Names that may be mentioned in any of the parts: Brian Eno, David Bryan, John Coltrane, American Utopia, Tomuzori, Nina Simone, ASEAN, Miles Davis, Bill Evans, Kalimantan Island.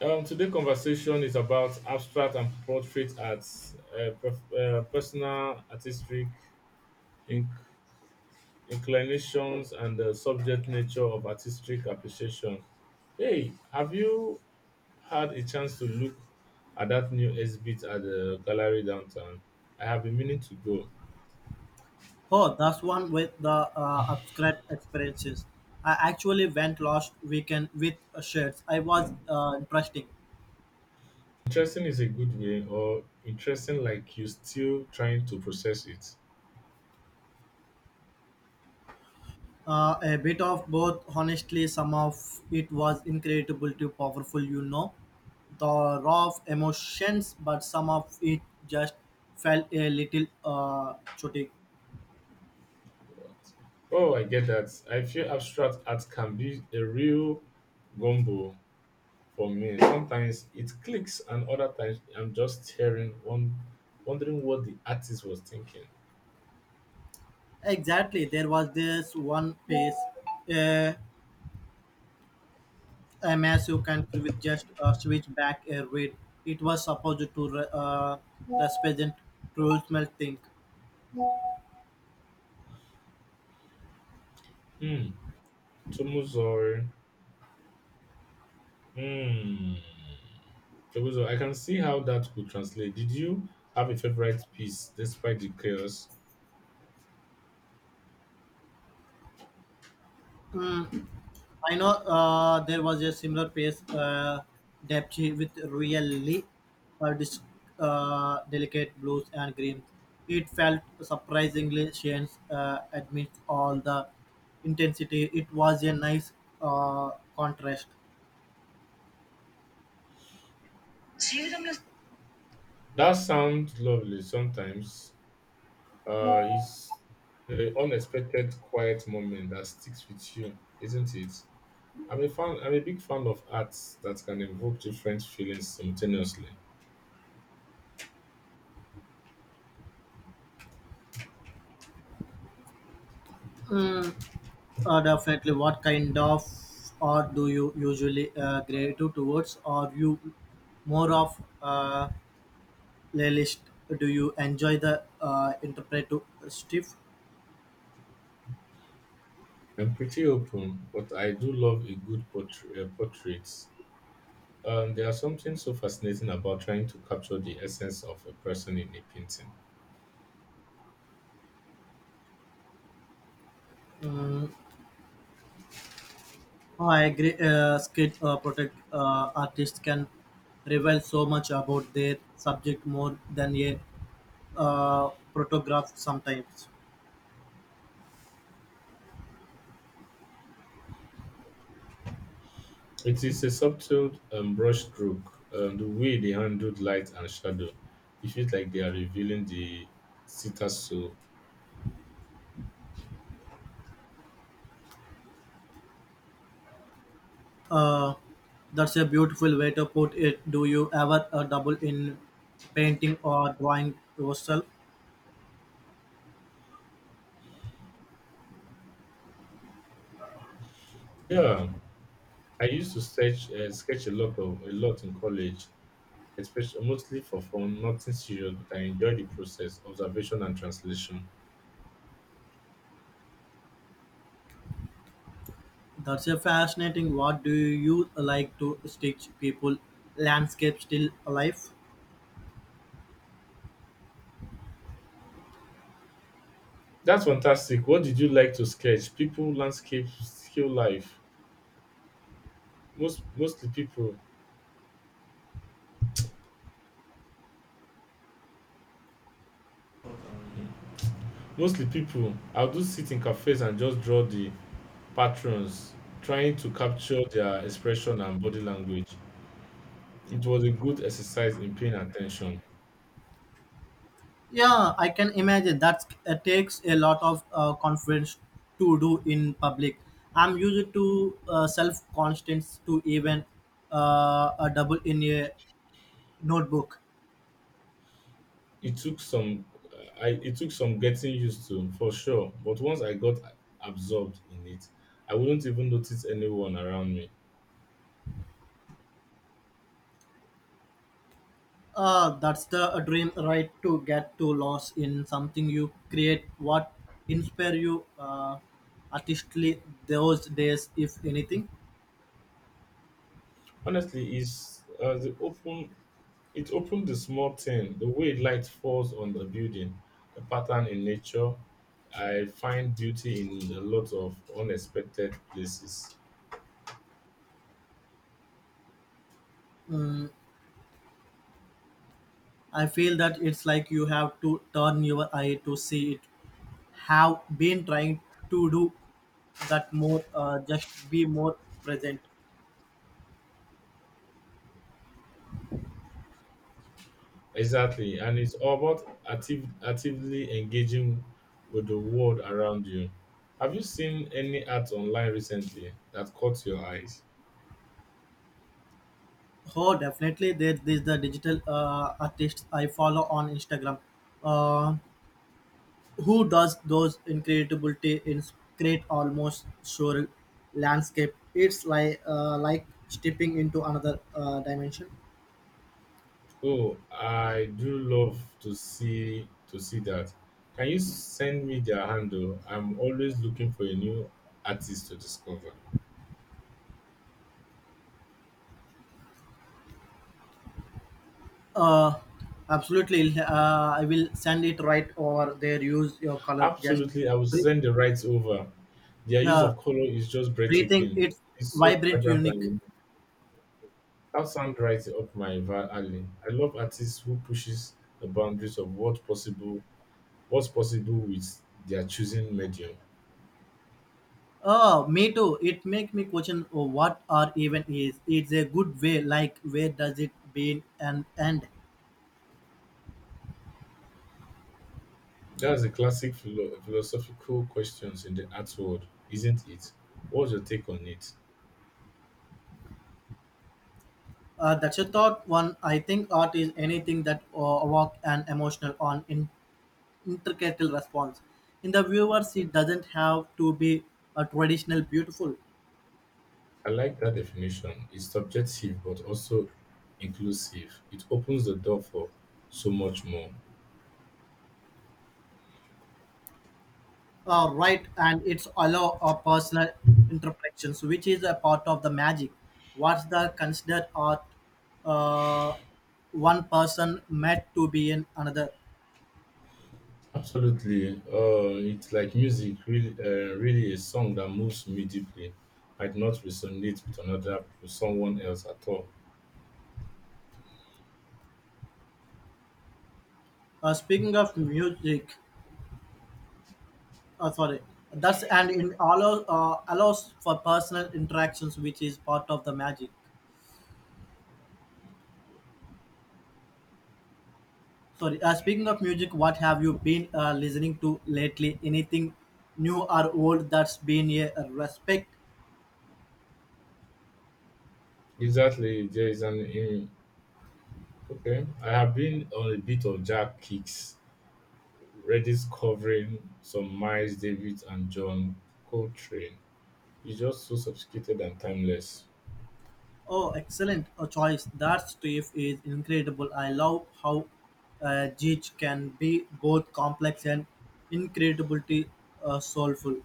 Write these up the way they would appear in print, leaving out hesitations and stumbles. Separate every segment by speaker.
Speaker 1: Today conversation is about abstract and portrait arts, personal artistic inc- inclinations, and the subject nature of artistic appreciation. Hey, have you had a chance to look at that new exhibit at the gallery downtown? I have been meaning to go.
Speaker 2: Oh, that's one with the abstract experiences. I actually went last weekend with shirts. I was interesting.
Speaker 1: Interesting is a good way, or interesting like you still trying to process it?
Speaker 2: A bit of both, honestly, some of it was incredible too powerful, the raw of emotions, but some of it just felt a little chotic.
Speaker 1: Oh, I get that. I feel abstract art can be a real gumbo for me. Sometimes it clicks, and other times I'm just staring, one, wondering what the artist was thinking.
Speaker 2: Exactly, there was this one piece, a a mass you can with just switch back a read. It was supposed to represent traditional think.
Speaker 1: Hmm. Tomuzori. Hmm. Tomuzori. I can see how that could translate. Did you have a favorite piece despite the chaos?
Speaker 2: Mm, I know there was a similar piece depth with really uh, dis- delicate blues and greens. It felt surprisingly Shane's amidst all the intensity. It was a nice uh, contrast.
Speaker 1: That sounds lovely. Sometimes, it's the unexpected quiet moment that sticks with you, isn't it? I'm a fan. I'm a big fan of arts that can evoke different feelings simultaneously.
Speaker 2: Definitely. What kind of art do you usually gravitate towards? Are you more of a playlist? Do you enjoy the interpretive stuff?
Speaker 1: I'm pretty open, but I do love a good portrait. Portraits. There are something so fascinating about trying to capture the essence of a person in a painting.
Speaker 2: Mm, I agree. Skid protect artists can reveal so much about their subject more than a photograph sometimes.
Speaker 1: It is a subtle brushstroke. The way they handled light and shadow, it feels like they are revealing the sitter's soul.
Speaker 2: Uh, that's a beautiful way to put it. Do you ever double in painting or drawing yourself?
Speaker 1: Yeah, I used to sketch, sketch a lot of a lot in college, especially mostly for fun, nothing serious, but I enjoy the process, observation and translation.
Speaker 2: That's a fascinating. What do you like to stitch people landscape still alive?
Speaker 1: That's fantastic. What did you like to sketch? People, landscapes, still life. Mostly people. Mostly people. I'll do sit in cafes and just draw the patrons, trying to capture their expression and body language. It was a good exercise in paying attention.
Speaker 2: Yeah, I can imagine that takes a lot of confidence to do in public. I'm used to self confidence to even a double in a notebook.
Speaker 1: It took some I it took some getting used to for sure, but once I got absorbed in it, I wouldn't even notice anyone around me.
Speaker 2: That's the dream, right? To get to lost in something you create, what inspire you artistically those days, if anything.
Speaker 1: Honestly, it's it open it opened the small thing, the way light falls on the building, the pattern in nature. I find beauty in a lot of unexpected places.
Speaker 2: Mm, I feel that it's like you have to turn your eye to see it. Have been trying to do that more, just be more present.
Speaker 1: Exactly, and it's all about actively engaging with the world around you. Have you seen any art online recently that caught your eyes?
Speaker 2: Oh, definitely. There is the digital artist I follow on Instagram, uh, who does those incredible create almost surreal landscape. It's like stepping into another dimension.
Speaker 1: Oh, I do love to see that. Can you send me their handle? I'm always looking for a new artist to discover.
Speaker 2: Uh, absolutely. I will send it right over there. Use your color. Just
Speaker 1: Absolutely, I will
Speaker 2: breathe.
Speaker 1: send the rights over. Their use
Speaker 2: Yeah,
Speaker 1: of color is just
Speaker 2: breathing.
Speaker 1: breathtaking.
Speaker 2: It's
Speaker 1: It's so
Speaker 2: vibrant,
Speaker 1: vibrant and
Speaker 2: unique.
Speaker 1: unique. That sound right up my alley. I love artists who pushes the boundaries of what's possible, with their choosing medium.
Speaker 2: Oh, me too. It make me question oh, what art even is. It's a good way. Like where does it begin and end?
Speaker 1: That's a classic philosophical questions in the art world, isn't it? What's your take on it?
Speaker 2: That's a thought one. I think art is anything that evoke an emotional on intricate response. In the viewers, it doesn't have to be a traditional beautiful.
Speaker 1: I like that definition. It's subjective but also inclusive. It opens the door for so much more.
Speaker 2: Right, and it's allow a personal interpretations which is a part of the magic what's the considered art uh, one person meant to be in another
Speaker 1: Absolutely. It's like music, really a song that moves me deeply might not resonate with someone else at all.
Speaker 2: speaking of music sorry that's and in allow, allows for personal interactions which is part of the magic sorry speaking of music what have you been listening to lately anything new or old that's been a respect.
Speaker 1: Exactly. There is an. In- Okay. I have been on a bit of jack kicks Redis covering some Miles Davis and John Coltrane. It's just so sophisticated and timeless.
Speaker 2: Oh, excellent a choice. That stuff is incredible. I love how Jeech can be both complex and incredibly soulful.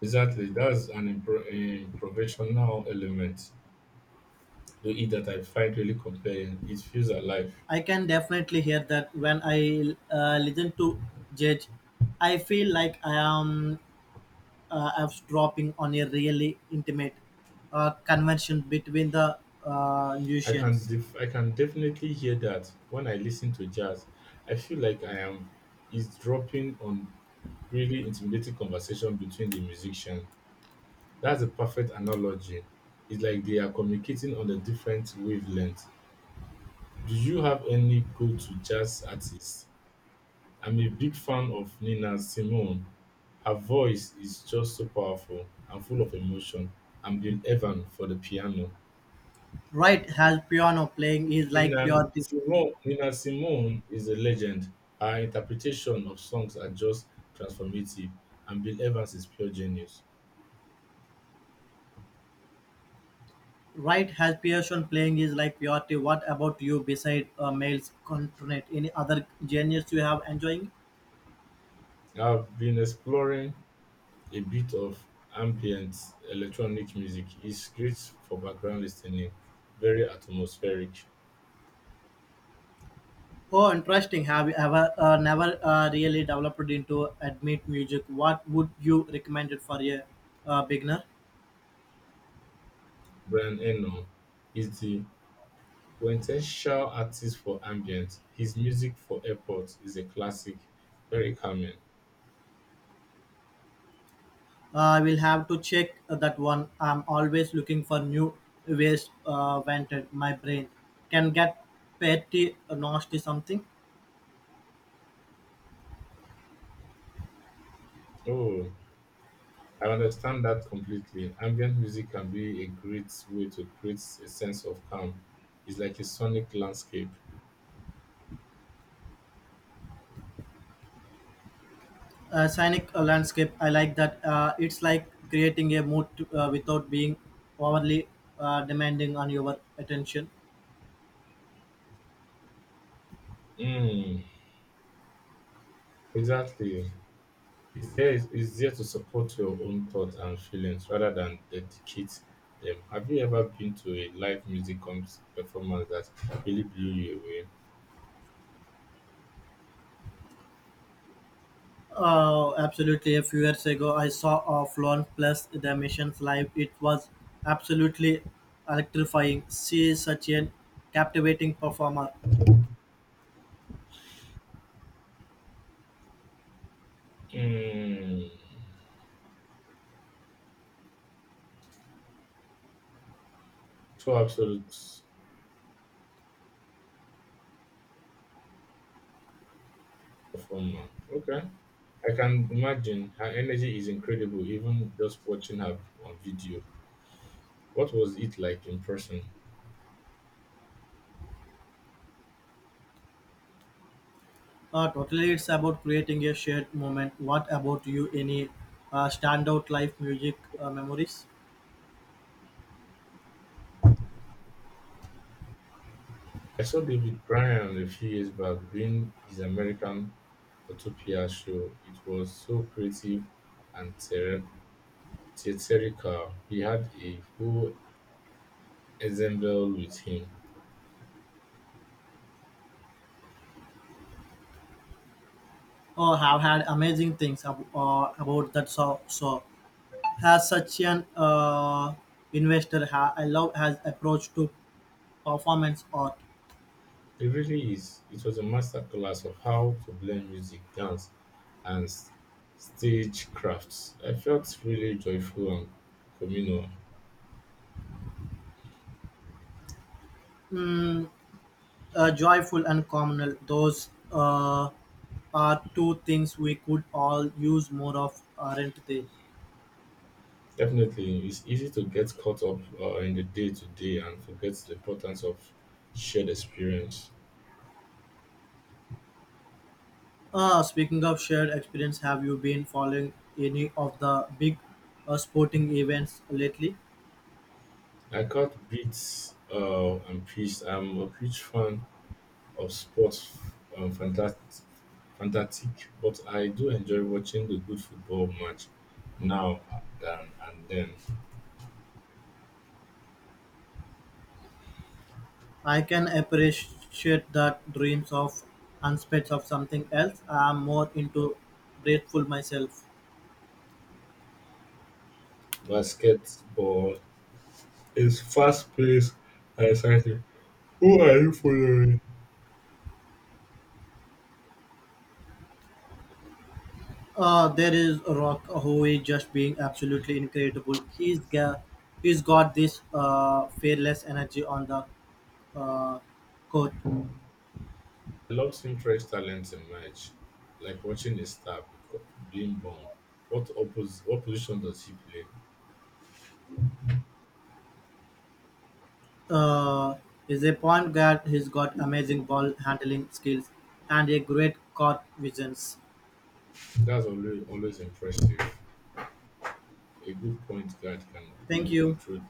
Speaker 1: Exactly, that's an improvisational element to it that I find really compelling. It feels alive.
Speaker 2: I can definitely hear that when I listen to Jeech. I feel like I am I'm dropping on a really intimate convention between the musicians.
Speaker 1: I can definitely hear that when I listen to jazz. I feel like I am is dropping on really intimidating conversation between the musician. That's a perfect analogy. It's like they are communicating on a different wavelength. Do you have any go-to jazz artists? I'm a big fan of Nina Simone. Her voice is just so powerful and full of emotion. And Bill Evans for the piano.
Speaker 2: Right, has piano playing is like pure.
Speaker 1: Nina Simone is a legend. Her interpretation of songs are just transformative, and Bill Evans is pure genius.
Speaker 2: Right has passion playing is like purity. What about you beside males continent? Any other genres you have enjoying?
Speaker 1: I've been exploring a bit of ambient electronic music. It's great for background listening, very atmospheric.
Speaker 2: Oh, interesting. Have you ever never really developed into admit music? What would you recommend it for a beginner?
Speaker 1: Brian Eno is the quintessential artist for ambient. His music for airports is a classic, very calming.
Speaker 2: I will have to check that one. I'm always looking for new ways vented. My brain can get petty, nasty something.
Speaker 1: Oh, I understand that completely. Ambient music can be a great way to create a sense of calm. It's like a sonic landscape.
Speaker 2: Scenic landscape. I like that. It's like creating a mood to, without being overly demanding on your attention.
Speaker 1: Mm, exactly. It's there to support your own thoughts and feelings rather than dedicate them. Have you ever been to a live music performance that really blew you away?
Speaker 2: Absolutely. A few years ago, I saw Flown Plus the missions live. It was absolutely electrifying. She is such a captivating performer.
Speaker 1: Mm. Two absolutes from her. Okay. I can imagine her energy is incredible, even just watching her on video. What was it like in person?
Speaker 2: Totally, it's about creating a shared moment. What about you? Any standout live music memories?
Speaker 1: I saw David Bryan a few years back doing his American Utopia show. It was so creative and theatrical. He had a whole ensemble with him.
Speaker 2: Oh, have had amazing things about that. Has such an investor I love has approach to performance art.
Speaker 1: It really is. It was a masterclass of how to blend music, dance, and stagecraft. I felt really joyful and communal.
Speaker 2: Mm, joyful and communal, those uh, are two things we could all use more of, aren't they?
Speaker 1: Definitely, it's easy to get caught up in the day to day and forget the importance of shared experience.
Speaker 2: Speaking of shared experience, have you been following any of the big sporting events lately?
Speaker 1: I caught beats and peace. I'm a huge fan of sports, um, fantastic, fantastic, but I do enjoy watching the good football match now than and then.
Speaker 2: I can appreciate that dreams of and spits of something else. I'm more into grateful myself.
Speaker 1: Basketball is fast-paced and exciting. Who are you following?
Speaker 2: There is Rock Howe just being absolutely incredible. He's
Speaker 1: I
Speaker 2: got this fearless energy on the uh, court.
Speaker 1: love seeing fresh talent emerge, like watching a star being born. What, what position does he play?
Speaker 2: Uh, he's a point guard. He's got amazing ball handling skills and a great court vision.
Speaker 1: Always impressive. A good point guard can
Speaker 2: Thank
Speaker 1: really
Speaker 2: you.
Speaker 1: control